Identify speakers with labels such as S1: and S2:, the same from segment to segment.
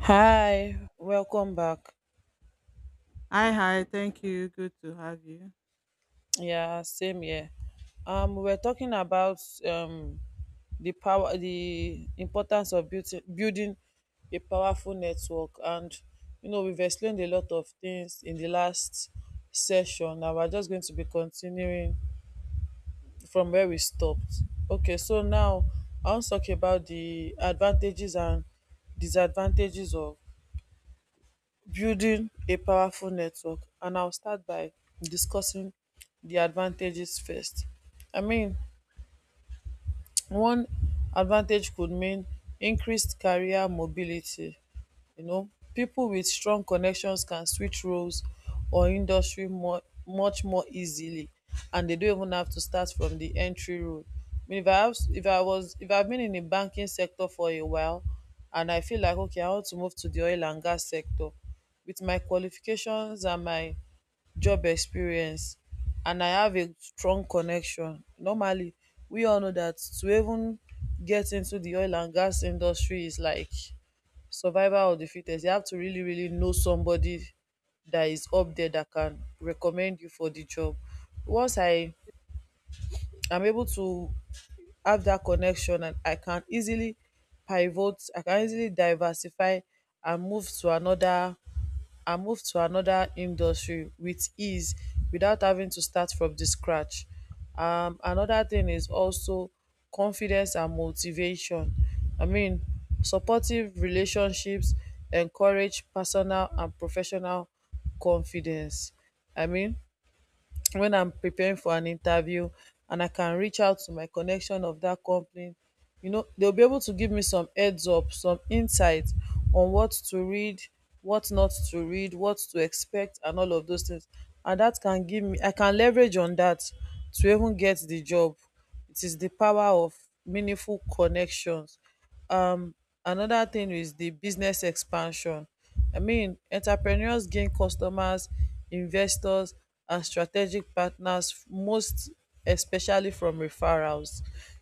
S1: Hi, welcome back.
S2: Hi, hi. Thank you. Good to have you.
S1: Yeah, same here. We were talking about um the power, the importance of building a powerful network, and you know we've explained a lot of things in the last session. Now we're just going to be continuing from where we stopped. Okay, so now I want to talk about the advantages and disadvantages of building a powerful network, and I'll start by discussing the advantages first. I mean, one advantage could mean increased career mobility. You know, people with strong connections can switch roles or industry more much more easily, and they don't even have to start from the entry role. I mean, if I have if I was if I've been in the banking sector for a while and I feel like okay, I want to move to the oil and gas sector with my qualifications and my job experience and I have a strong connection. Normally, we all know that to even get into the oil and gas industry is like survival of the fittest. You have to really, really know somebody that is up there that can recommend you for the job. Once I am able to have that connection and I can easily pivot, I can easily diversify and move to another industry with ease without having to start from the scratch. Another thing is also confidence and motivation. I mean, supportive relationships encourage personal and professional confidence. I mean, when I'm preparing for an interview and I can reach out to my connection of that company, you know, they'll be able to give me some heads up, some insight on what to read, what not to read, what to expect, and all of those things. And that can give me, I can leverage on that to even get the job. It is the power of meaningful connections um Another thing is the business expansion. I mean, entrepreneurs gain customers, investors, and strategic partners, most especially from referrals.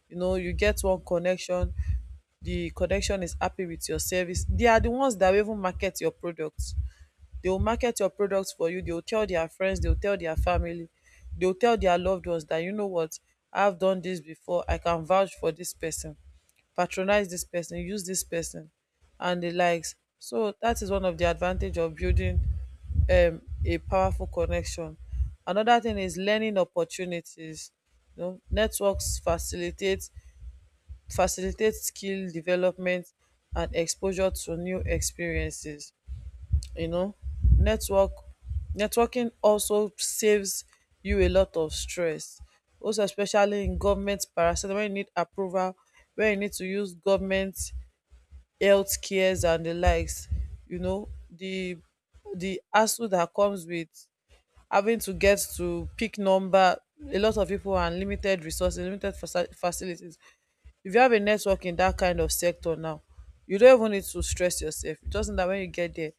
S1: You know, you get one connection, the connection is happy with your service. They are the ones that will even market your product. They will market your products for you, they will tell their friends, they will tell their family, they will tell their loved ones that, you know what, I've done this before, I can vouch for this person, patronize this person, use this person and the likes. So that is one of the advantage of building a powerful connection. Another thing is learning opportunities. You know, networks facilitate skill development and exposure to new experiences you know, network networking also saves you a lot of stress. Also, especially in government parasite when you need approval, when you need to use government health cares and the likes, you know, the hassle that comes with having to get to pick number, a lot of people and limited resources, limited facilities, if you have a network in that kind of sector now, you don't even need to stress yourself. It doesn't that when you get there,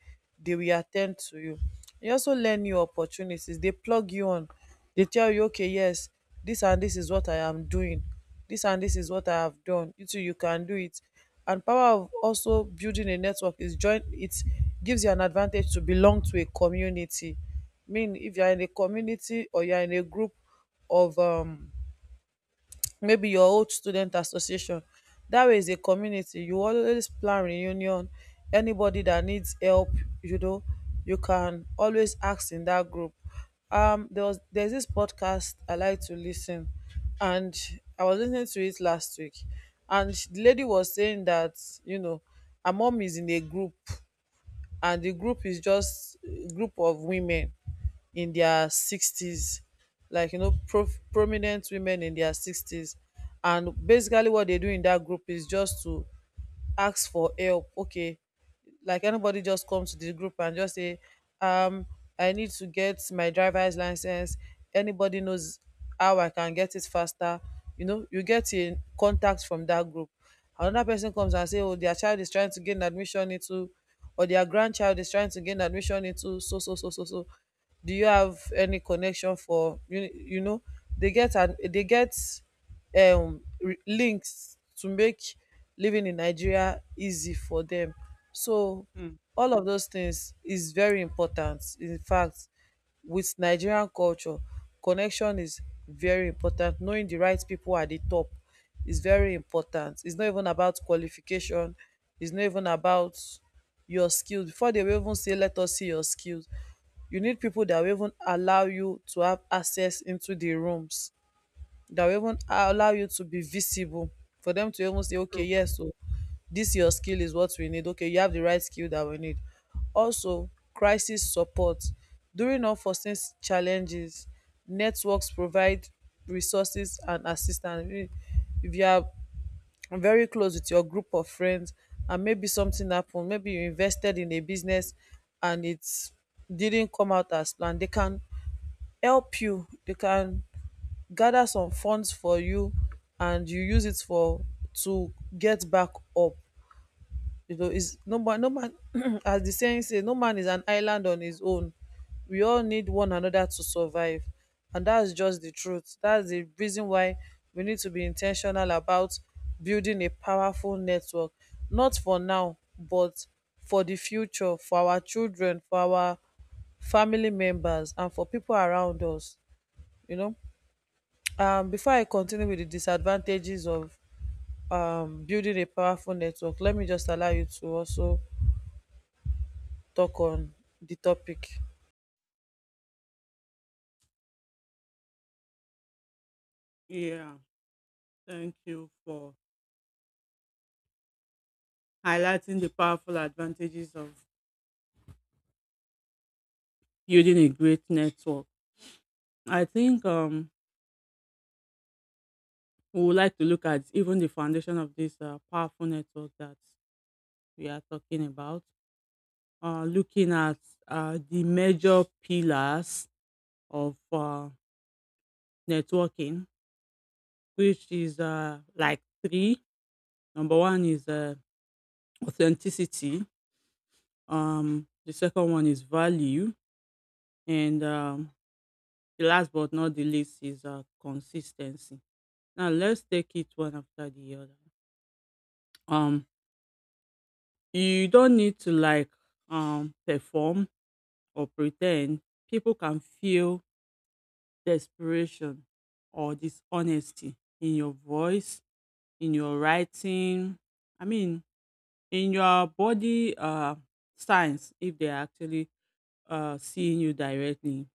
S1: they will attend to you. You also learn new opportunities. They plug you on. They tell you, okay, yes, this and this is what I am doing. This and this is what I have done. You too, you can do it. And power of also building a network is join it gives you an advantage to belong to a community. Mean if you are in a community or you are in a group of maybe your old student association. That way is a community. You always plan reunion. Anybody that needs help, you know, you can always ask in that group. There's this podcast I like to listen, and I was listening to it last week, and the lady was saying that, you know, her mom is in a group and the group is just a group of women in their sixties, like, you know, prominent women in their sixties, and basically what they do in that group is just to ask for help. Okay, like anybody just come to the group and just say, um I need to get my driver's license. Anybody knows how I can get it faster? You know, you get a contact from that group. Another person comes and say, oh, their child is trying to gain admission into, or their grandchild is trying to gain admission into so so so so so, do you have any connection for you, you know. They get and they get links to make living in Nigeria easy for dem. So
S2: Mm,
S1: all of those tins is very important. In fact, wit Nigerian culture, connection is very important. Knowing di right pipo at di top is very important. Is not even about qualification, is not even about your skill before dey will even say let us see your skills. You need pipo dat will even allow you to have access into di rooms, that will even allow you to be visible, for them to even say okay,
S2: true.
S1: yes o, this your skill is what we need. Okay, you have the right skill that we need. Also, crisis support. During unforeseen challenges, networks provide resources and assistance. If you are very close with your group of friends, and maybe something happen, maybe you invested in a business and it didn't come out as planned, they can help you, they can gather some funds for you, and you use it for to get back up. You know, is no man as the saying say, no man is an island on his own. We all need one another to survive. And that's just the truth. That's the reason why we need to be intentional about building a powerful network. Not for now, but for the future, for our children, for our family members, and for people around us, you know. Before I continue with the disadvantages of building a powerful network, let me just allow you to also talk on the topic.
S2: Yeah. Thank you for highlighting the powerful advantages of building a great network. I think we would like to look at even the foundation of this powerful network that we are talking about. Looking at the major pillars of networking, which is like three. Number one is authenticity. The second one is value. And the last but not the least is consistency. Now let's take it one after the other. Um, you don't need to perform or pretend. People can feel desperation or dishonesty in your voice, in your writing. I mean, in your body signs if they are actually seeing you directly.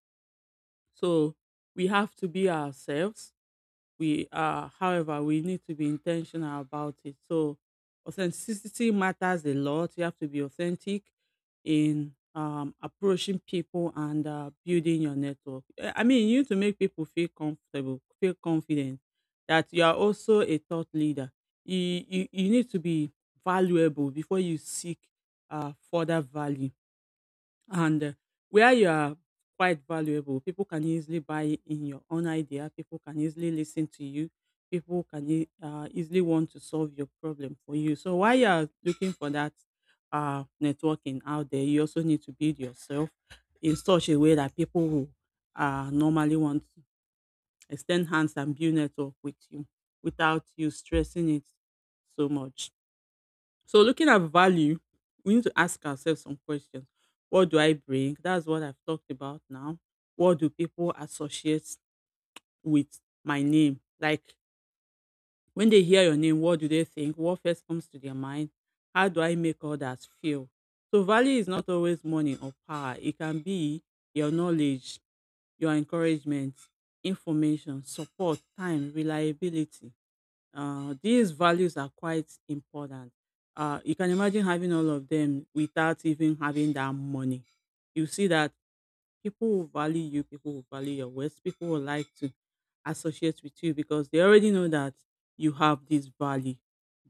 S2: So we have to be ourselves. We are, however, we need to be intentional about it. So authenticity matters a lot. You have to be authentic in approaching people and building your network. Eh, I mean, you need to make people feel comfortable, feel confident that you are also a thought leader. You, you need to be valuable before you seek further value and where you are quite valuable, people can easily buy in your own idea. People can easily listen to you. People can easily want to solve your problem for you. So while you are looking for that networking out there, you also need to build yourself in such a way that people who normally want to extend hands and build network with you without you stressing it so much. So looking at value, we need to ask ourselves some questions. What do I bring? That's what I've talked about now. What do people associate with my name? Like when they hear your name, what do they think? What first comes to their mind? How do I make others feel? So value is not always money or power. It can be your knowledge, your encouragement, information, support, time, reliability. These values are quite important. You can imagine having all of them without even having that money. You see that people will value you, people will value your words, people will like to associate with you because they already know that you have this value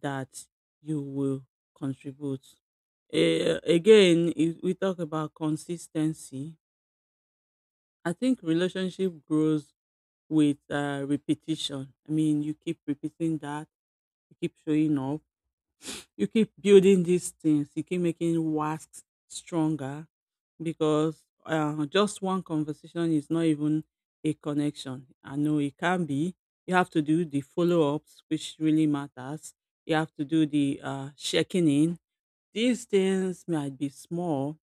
S2: that you will contribute. Eh, again, if we talk about consistency, I think relationship grows with repetition. I mean, you keep repeating that, you keep showing up, you keep building these things, you keep making wasks stronger because just one conversation is not even a connection. I know it can be, you have to do the follow-ups which really matters. You have to do the checking in. These things might be small,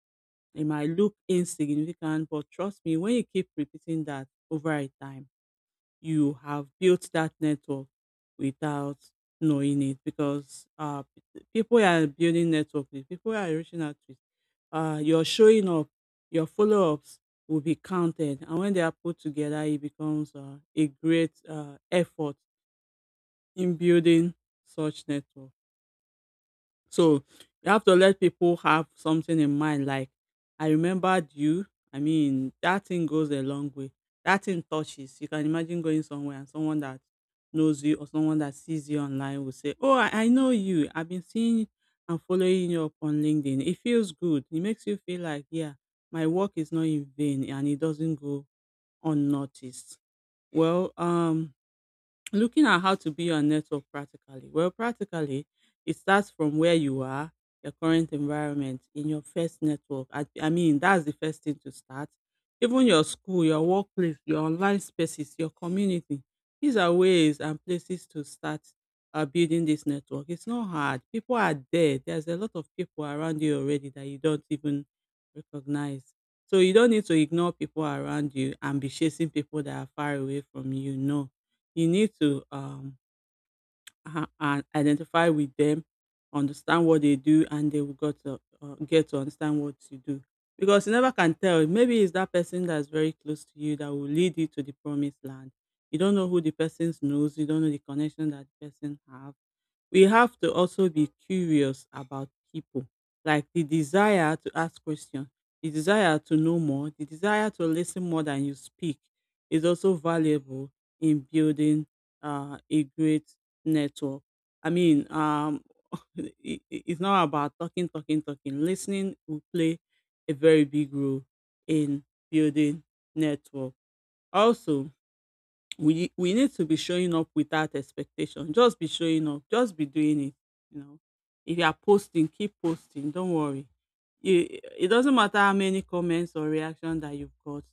S2: it might look insignificant, but trust me, when you keep repeating that over a time, you have built that network without knowing it, because people you are building network with, people you are reaching out with, your showing up, your follow ups will be counted. And when they are put together, it becomes a great effort in building such network. So, you have to let people have something in mind like, "I remembered you." I mean, that thing goes a long way. That thing touches. You can imagine going somewhere and someone that knows you or someone that sees you online will say, "Oh, I know you. I've been seeing and following you up on LinkedIn." It feels good. It makes you feel like, yeah, my work is not in vain and it doesn't go unnoticed. Well, looking at how to build your network practically. Well, practically, it starts from where you are, your current environment, in your first network. I mean, that's the first thing to start. Even your school, your workplace, your online spaces, your community. These are ways and places to start building this network. It's not hard. People are there. There's a lot of people around you already that you don't even recognize. So you don't need to ignore people around you and be chasing people that are far away from you. No, you need to identify with them, understand what they do, and they will get to understand what you do. Because you never can tell. Maybe it's that person that's very close to you that will lead you to the promised land. You don't know who the person knows. You don't know the connection that the person have. We have to also be curious about people, like the desire to ask questions, the desire to know more, the desire to listen more than you speak is also valuable in building a great network. I mean, it, it's not about talking talking talking, listening will play a very big role in building network. Also we need to be showing up without expectation. Just be showing up. Just be doing it. You know, if you are posting, keep posting. Don't worry. You, it doesn't matter how many comments or reactions that you've got.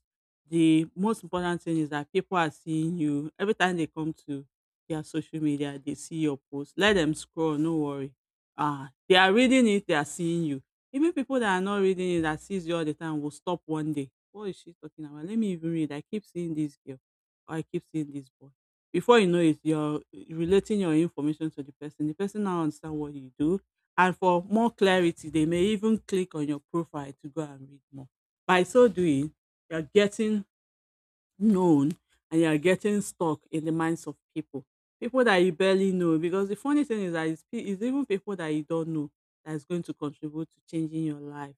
S2: The most important thing is that people are seeing you. Every time they come to their social media, they see your post. Let them scroll. No worry. Ah, they are reading it. They are seeing you. Even people that are not reading it that sees you all the time will stop one day. What is she talking about? Let me even read. I keep seeing this girl, I keep seeing this boy. Before you know it, you're relating your information to the person. The person now understand what you do. And for more clarity, they may even click on your profile to go and read more. By so doing, you're getting known and you're getting stuck in the minds of people. People that you barely know. Because the funny thing is that it's even people that you don't know that's going to contribute to changing your life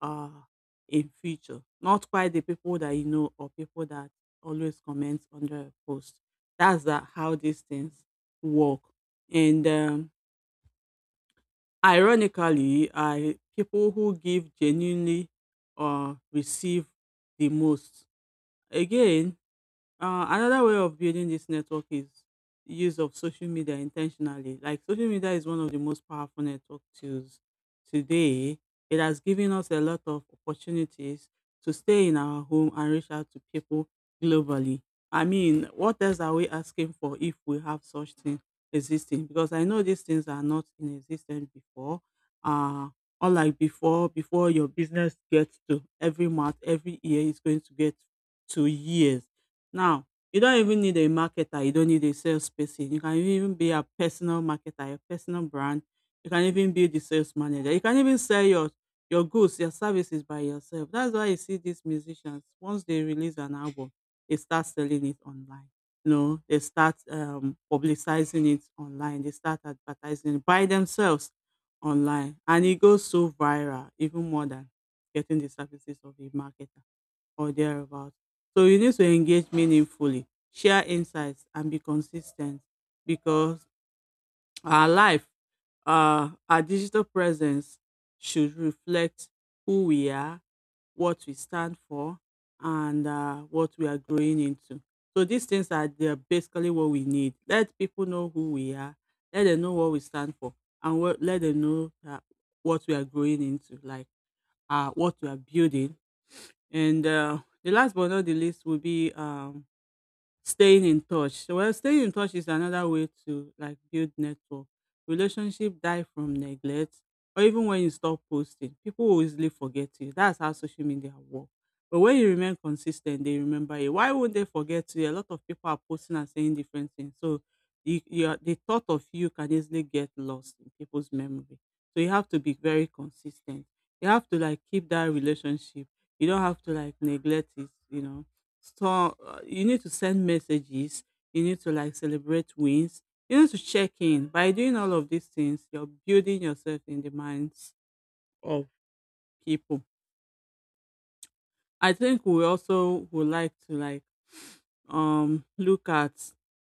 S2: uh, in future. Not quite the people that you know or people that always comment on the post. That's the, how these things work. And ironically, I people who give genuinely receive the most. Again, another way of building this network is use of social media intentionally. Like social media is one of the most powerful network tools today. It has given us a lot of opportunities to stay in our home and reach out to people globally. I mean, what else are we asking for if we have such things existing? Because I know these things are not in existence before. Uh, Unlike before, before your business gets to every month, every year is going to get to years, now, you don't even need a marketer, you don't need a salesperson. You can even be a personal marketer, your personal brand. You can even be the sales manager. You can even sell your goods, your services by yourself. That's why you see these musicians once they release an album, they start selling it online. You know, they start publicizing it online. They start advertising it by themselves online, and it goes so viral, even more than getting the services of a marketer or thereabouts. So you need to engage meaningfully, share insights, and be consistent because our life, our digital presence should reflect who we are, what we stand for, and what we are growing into. So these things are they're basically what we need. Let people know who we are, let them know what we stand for, and what, let them know that what we are growing into, like what we are building and the last but not the least will be staying in touch. So, well, staying in touch is another way to like build network. Relationship die from neglect, or even when you stop posting, people will easily forget you. That's how social media work. But when you remain consistent, they remember you. Why won't they forget you? A lot of people are posting and saying different things, so you are- the thought of you can easily get lost in people's memory. So you have to be very consistent. You have to like keep that relationship. You don't have to like neglect it. You know, so you need to send messages. You need to like celebrate wins. You need to check in. By doing all of these things, you're building yourself in the minds of people. I think we also would like to look at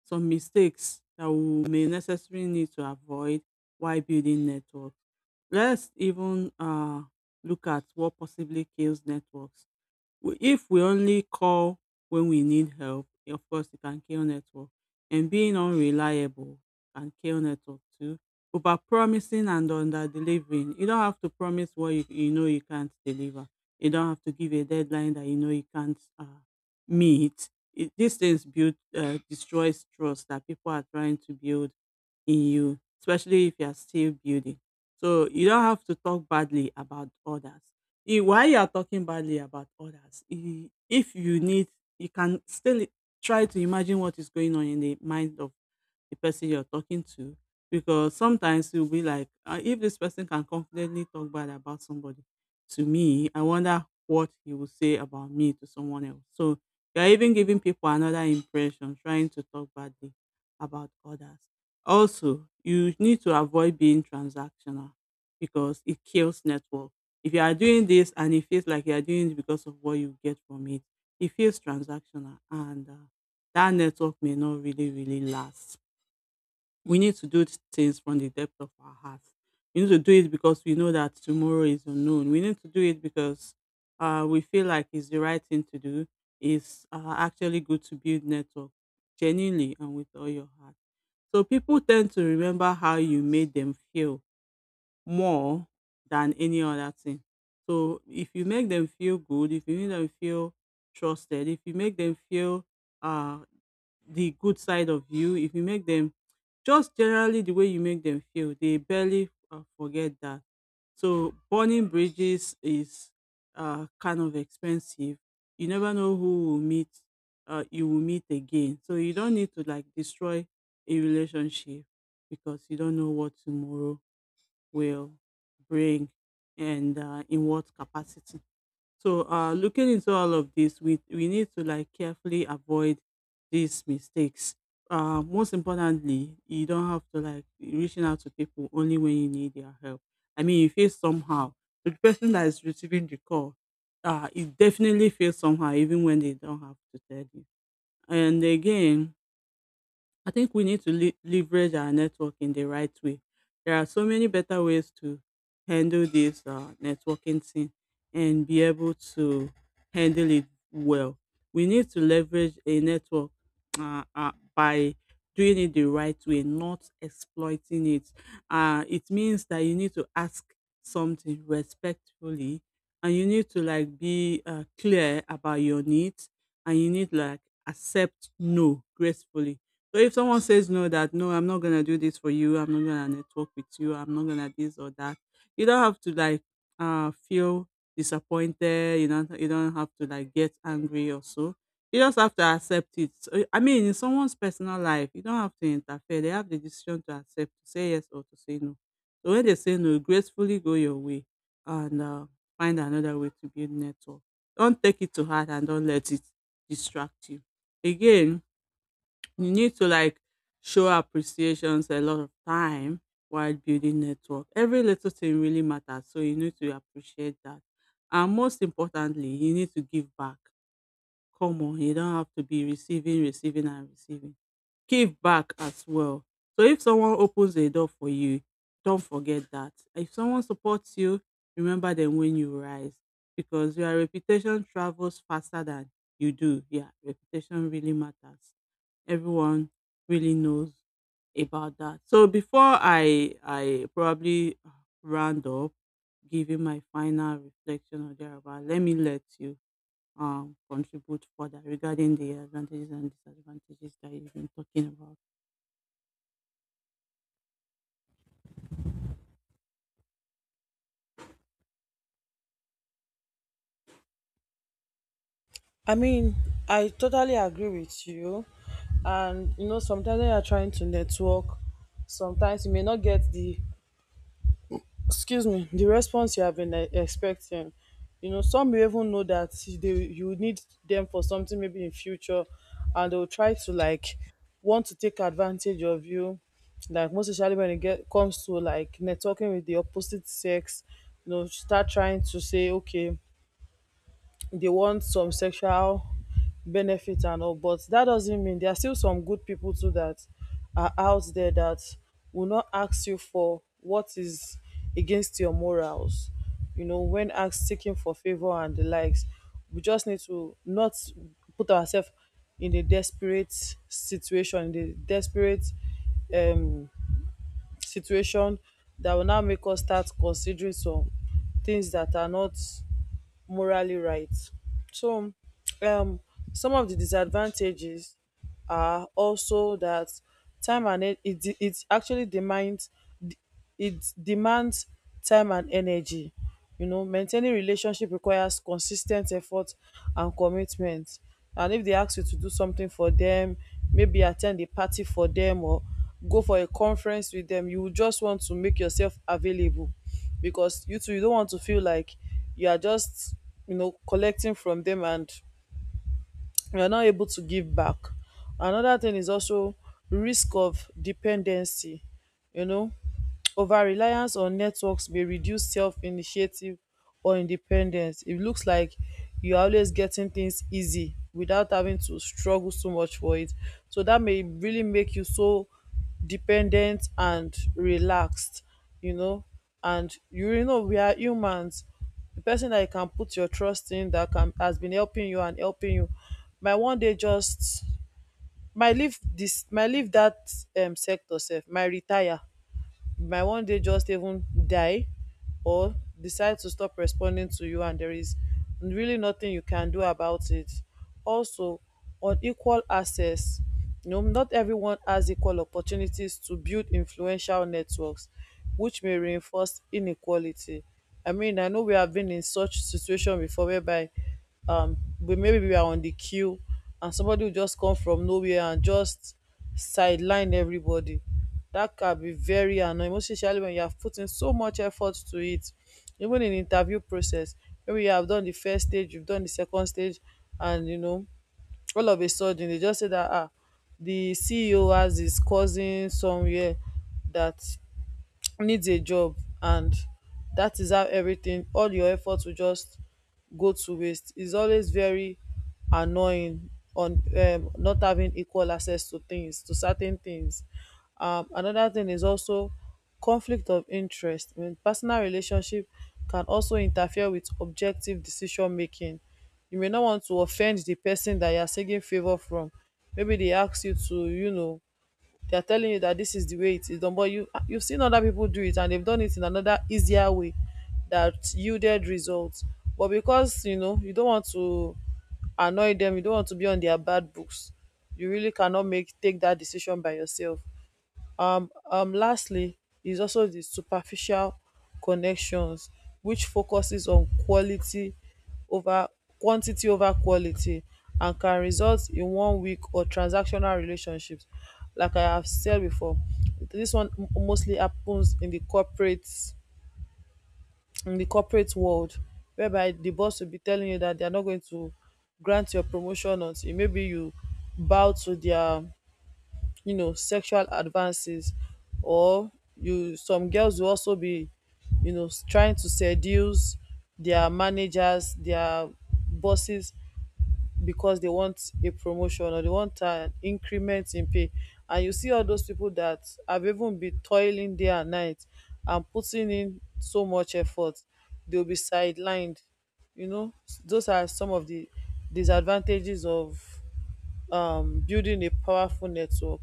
S2: some mistakes that we may necessarily need to avoid while building networks. Let's even look at what possibly kills networks. If we only call when we need help, of course it can kill network. And being unreliable can kill network too. Over promising and under delivering. You don't have to promise what you know you can't deliver. You don't have to give a deadline that you know you can't meet. These things build destroys trust that people are trying to build in you, especially if you are still building. So you don't have to talk badly about others while you are talking badly about others, if you need, you can still try to imagine what is going on in the mind of the person you're talking to because sometimes you'll be like, if this person can confidently talk bad about somebody to me, I wonder what he will say about me to someone else. So you're even giving people another impression, trying to talk badly about others. Also, you need to avoid being transactional because it kills network. If you are doing this and it feels like you are doing it because of what you get from it, it feels transactional and that network may not really, really last. We need to do things from the depth of our hearts. We need to do it because we know that tomorrow is unknown. We need to do it because we feel like it's the right thing to do. It's actually good to build network genuinely and with all your heart. So people tend to remember how you made them feel more than any other thing. So if you make them feel good, if you make them feel trusted, if you make them feel uh, the good side of you, if you make them just generally the way you make them feel, they barely forget that. So burning bridges is kind of expensive. You never know who will meet you will meet again, so you don't need to like destroy a relationship because you don't know what tomorrow will bring, and in what capacity. So looking into all of this, we need to like carefully avoid these mistakes. Most importantly, you don't have to like reaching out to people only when you need their help. I mean, you feel somehow. So, the person that is receiving the call, it definitely feels somehow, even when they don't have to tell you. And again, I think we need to leverage our network in the right way. There are so many better ways to handle this networking thing and be able to handle it well. We need to leverage a network by doing it the right way, not exploiting it. It means that you need to ask something respectfully and you need to like be clear about your needs and you need like accept no gracefully. So if someone says no, that no, I'm not gonna do this for you, I'm not gonna network with you, I'm not gonna this or that, you don't have to like feel disappointed. You don't have to like get angry or so. You just have to accept it. So, I mean, in someone's personal life, you don't have to interfere. They have the decision to accept, to say yes or to say no. So when they say no, gracefully go your way and find another way to build network. Don't take it to heart and don't let it distract you. Again, you need to like show appreciations a lot of time while building network. Every little thing really matters, so you need to appreciate that. And most importantly, you need to give back. Come on, you don't have to be receiving, receiving, and receiving. Give back as well. So if someone opens a door for you, don't forget that. If someone supports you, remember them when you rise because your reputation travels faster than you do. Yeah, reputation really matters. Everyone really knows about that. So before I probably round up, giving my final reflection or thereabout, let me let you contribute further regarding the advantages and disadvantages that you've been talking about.
S1: I mean, I totally agree with you. And, you know, sometimes when you're trying to network, sometimes you may not get the, excuse me, the response you have been expecting. You know, some, you even know that they, you need them for something maybe in future, and they'll try to like want to take advantage of you, like most especially when it get comes to like networking with the opposite sex. You know, start trying to say, okay, they want some sexual benefit and all. But that doesn't mean there are still some good people too that are out there that will not ask you for what is against your morals, you know, when asked seeking for favor and the likes. We just need to not put ourselves in a desperate situation, in a desperate um situation that will now make us start considering some things that are not morally right. So, um, some of the disadvantages are also that time, and it actually demands, it demands time and energy. You know, maintaining relationship requires consis ten t effort and commitment. And if they ask you to do something for them, maybe at ten d a party for them, or go for a conference with them, you will just want to make yourself available, because you too, you don't want to feel like you are just, you know, collecting from them and you are not able to give back. Another thing is also risk of dependency, you know. Over-reliance on networks may reduce self-initiative or independence. It looks like you're always getting things easy without having to struggle so much for it. So that may really make you so dependent and relaxed, you know. And you really know we are humans. The person that you can put your trust in that can has been helping you and helping you might one day just might leave, this might leave that sector sef, might retire, you might one day just even die, or decide to stop responding to you, and there is really nothing you can do about it. Also, on equal access, you know, not everyone has equal opportunities to build influential networks, which may reinforce inequality. I mean, I know we have been in such situation before, whereby we maybe we are on the queue and somebody will just come from nowhere and just sideline everybody. That can be very annoying, most especially when you have put in so much effort to it. Even in interview process, maybe you have done the first stage, you've done the second stage, and you know, all of a sudden they just say that ah, the CEO has his cousin somewhere that needs a job, and dat is how everything, all your effort will just go to waste. Is always very annoying, on not having equal access to things, to certain things. Another thing is also conflict of interest. I mean, personal relationship can also interfere with objective decision making. You may not want to offend the person that you are seeking favour from. Maybe they ask you to, you know, they are telling you that this is the way it is done, but you, you've seen other people do it and they've done it in another easier way that yielded results. But because you know you don't want to annoy them, you don't want to be on their bad books, you really cannot make take that decision by yourself. Lastly is also di superficial connections, which focuses on quality ova quantity ova quality, and can result in one weak or transactional relationships. Like I have said before, dis one mostly happens in di corporate, in di corporate world, whereby di boss will be telling you dat they are not going to grant your promotion until maybe you bow to dia, you know, sexual advances. Or you, some girls will also be, you know, trying to seduce their managers, their bosses, because they want a promotion or they want an increment in pay. And you see all those people that have even been toiling day and night and putting in so much effort, they'll be sidelined. You know, those are some of the disadvantages of building a powerful network.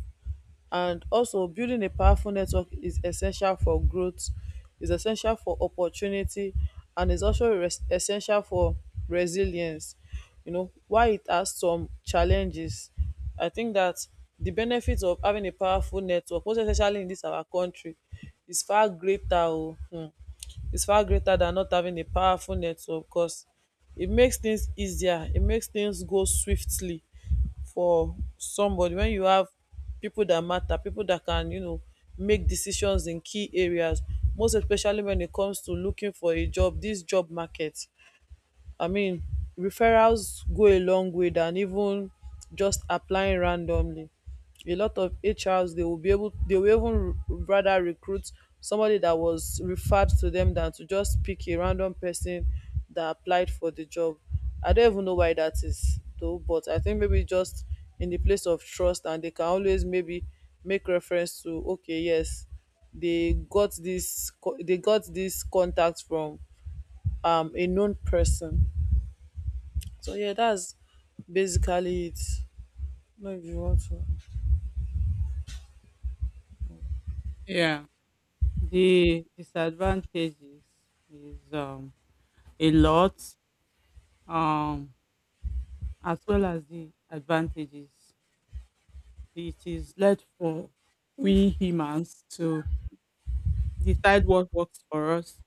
S1: And also, building a powerful network is essential for growth, is essential for opportunity, and is also essential for resilience. You know, while it has some challenges, I think that the benefits of having a powerful network, most especially in this our country, is far greater. Oh, hmm, is far greater dan not having a powerful network, cause it makes things easier, it makes things go swiftly for somebody, when you have people that matter, people that can, you know, make decisions in key areas, most especially when it comes to looking for a job, dis job market. I mean, referrals go a long way than even just applying randomly. A lot of HRs, they will be able, they will even rather recruit somebody that was referred to them than to just pick a random person that applied for the job. I don't even know why that is though, but I think maybe just in the place of trust, and they can always maybe make reference to, okay, yes, they got this they got this contact from a known person. So yeah, that's basically it. No, if you want to.
S2: Yeah. The disadvantages is a lot, um, as well as the advantages. It is led for we humans to decide what works for us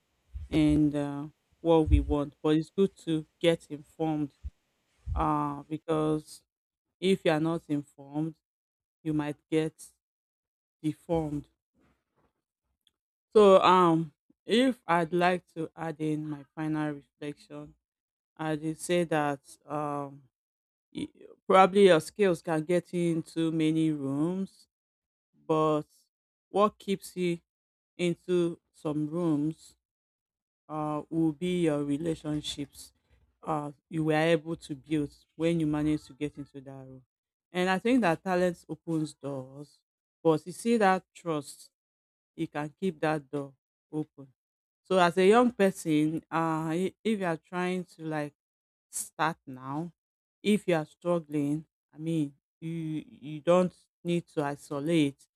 S2: and what we want. But it's good to get informed because if you are not informed, you might get deformed. So, if I'd like to add in my final reflection, I'd say that y- probably your skills can get you into many rooms, but what keeps you into some rooms will be your relationships you were able to build when you managed to get into that room. And I think that talent opens doors, but you see that trust, you can keep that door open. So as a young person, if you are trying to like start now. If you are struggling, I mean, you don't need to isolate.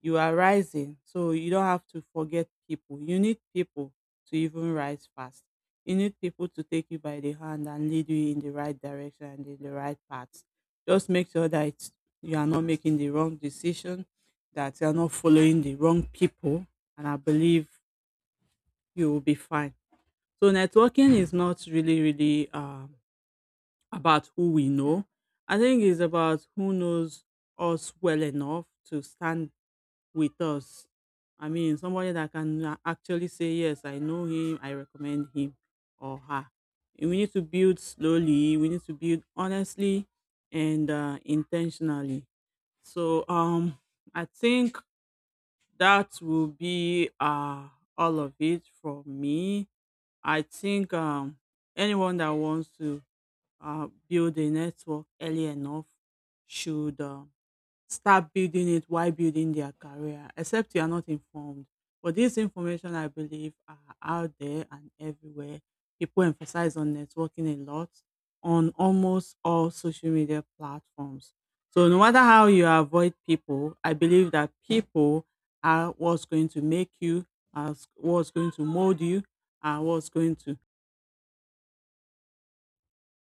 S2: You are rising, so you don't have to forget people. You need people to even rise fast. You need people to take you by the hand and lead you in the right direction and in the right path. Just make sure that you are not making the wrong decision, that you are not following the wrong people, and I believe you will be fine. So networking is not really, really about who we know. I think it's about who knows us well enough to stand with us. I mean, somebody that can actually say, "Yes, I know him, I recommend him or her." And we need to build slowly, we need to build honestly and intentionally. So, I think that will be all of it for me. I think anyone that wants to build a network early enough should start building it while building their career, except you are not informed. But this information, I believe, are out there and everywhere. People emphasize on networking a lot on almost all social media platforms. So no matter how you avoid people, I believe that people are what's going to make you, as what's going to mold you, and what's going to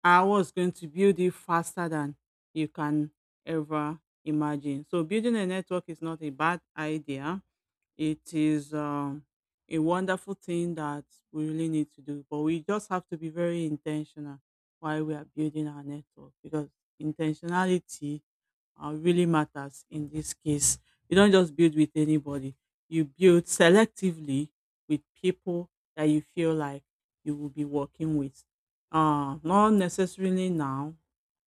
S2: build it faster than you can ever imagine. So building a network is not a bad idea. It is a wonderful thing that we really need to do, but we just have to be very intentional while we are building our network because intentionality really matters in this case. You don't just build with anybody. You build selectively with people that you feel like you will be working with. Not necessarily now,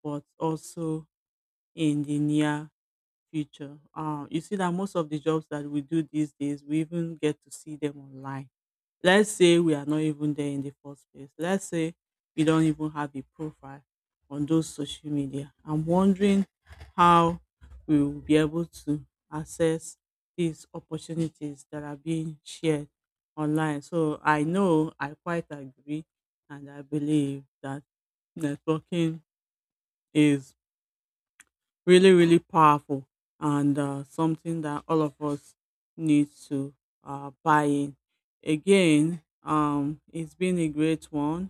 S2: but also in the near future. You see that most of the jobs that we do these days, we even get to see them online. Let's say we are not even there in the first place. Let's say we don't even have a profile on those social media. I'm wondering how we will be able to access these opportunities that are being shared online. So I know I quite agree and I believe that networking is really really powerful and something that all of us need to buy in again. It's been a great one.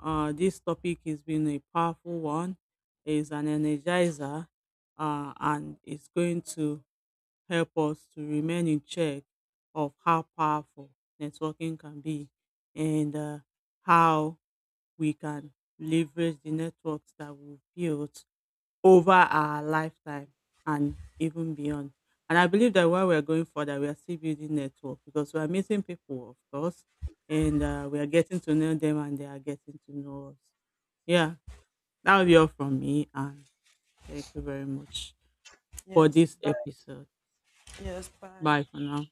S2: This topic has been a powerful one. It's an energizer, and it's going to help us to remain in check of how powerful networking can be and how we can leverage the networks that we've built over our lifetime and even beyond. And I believe that while we're going further, we are still building network because we are meeting people, of course, and we are getting to know them and they are getting to know us. Yeah, that will be all from me. And thank you very much for
S1: Yes,
S2: this
S1: bye.
S2: episode.
S1: Yes, bye.
S2: Bye for now.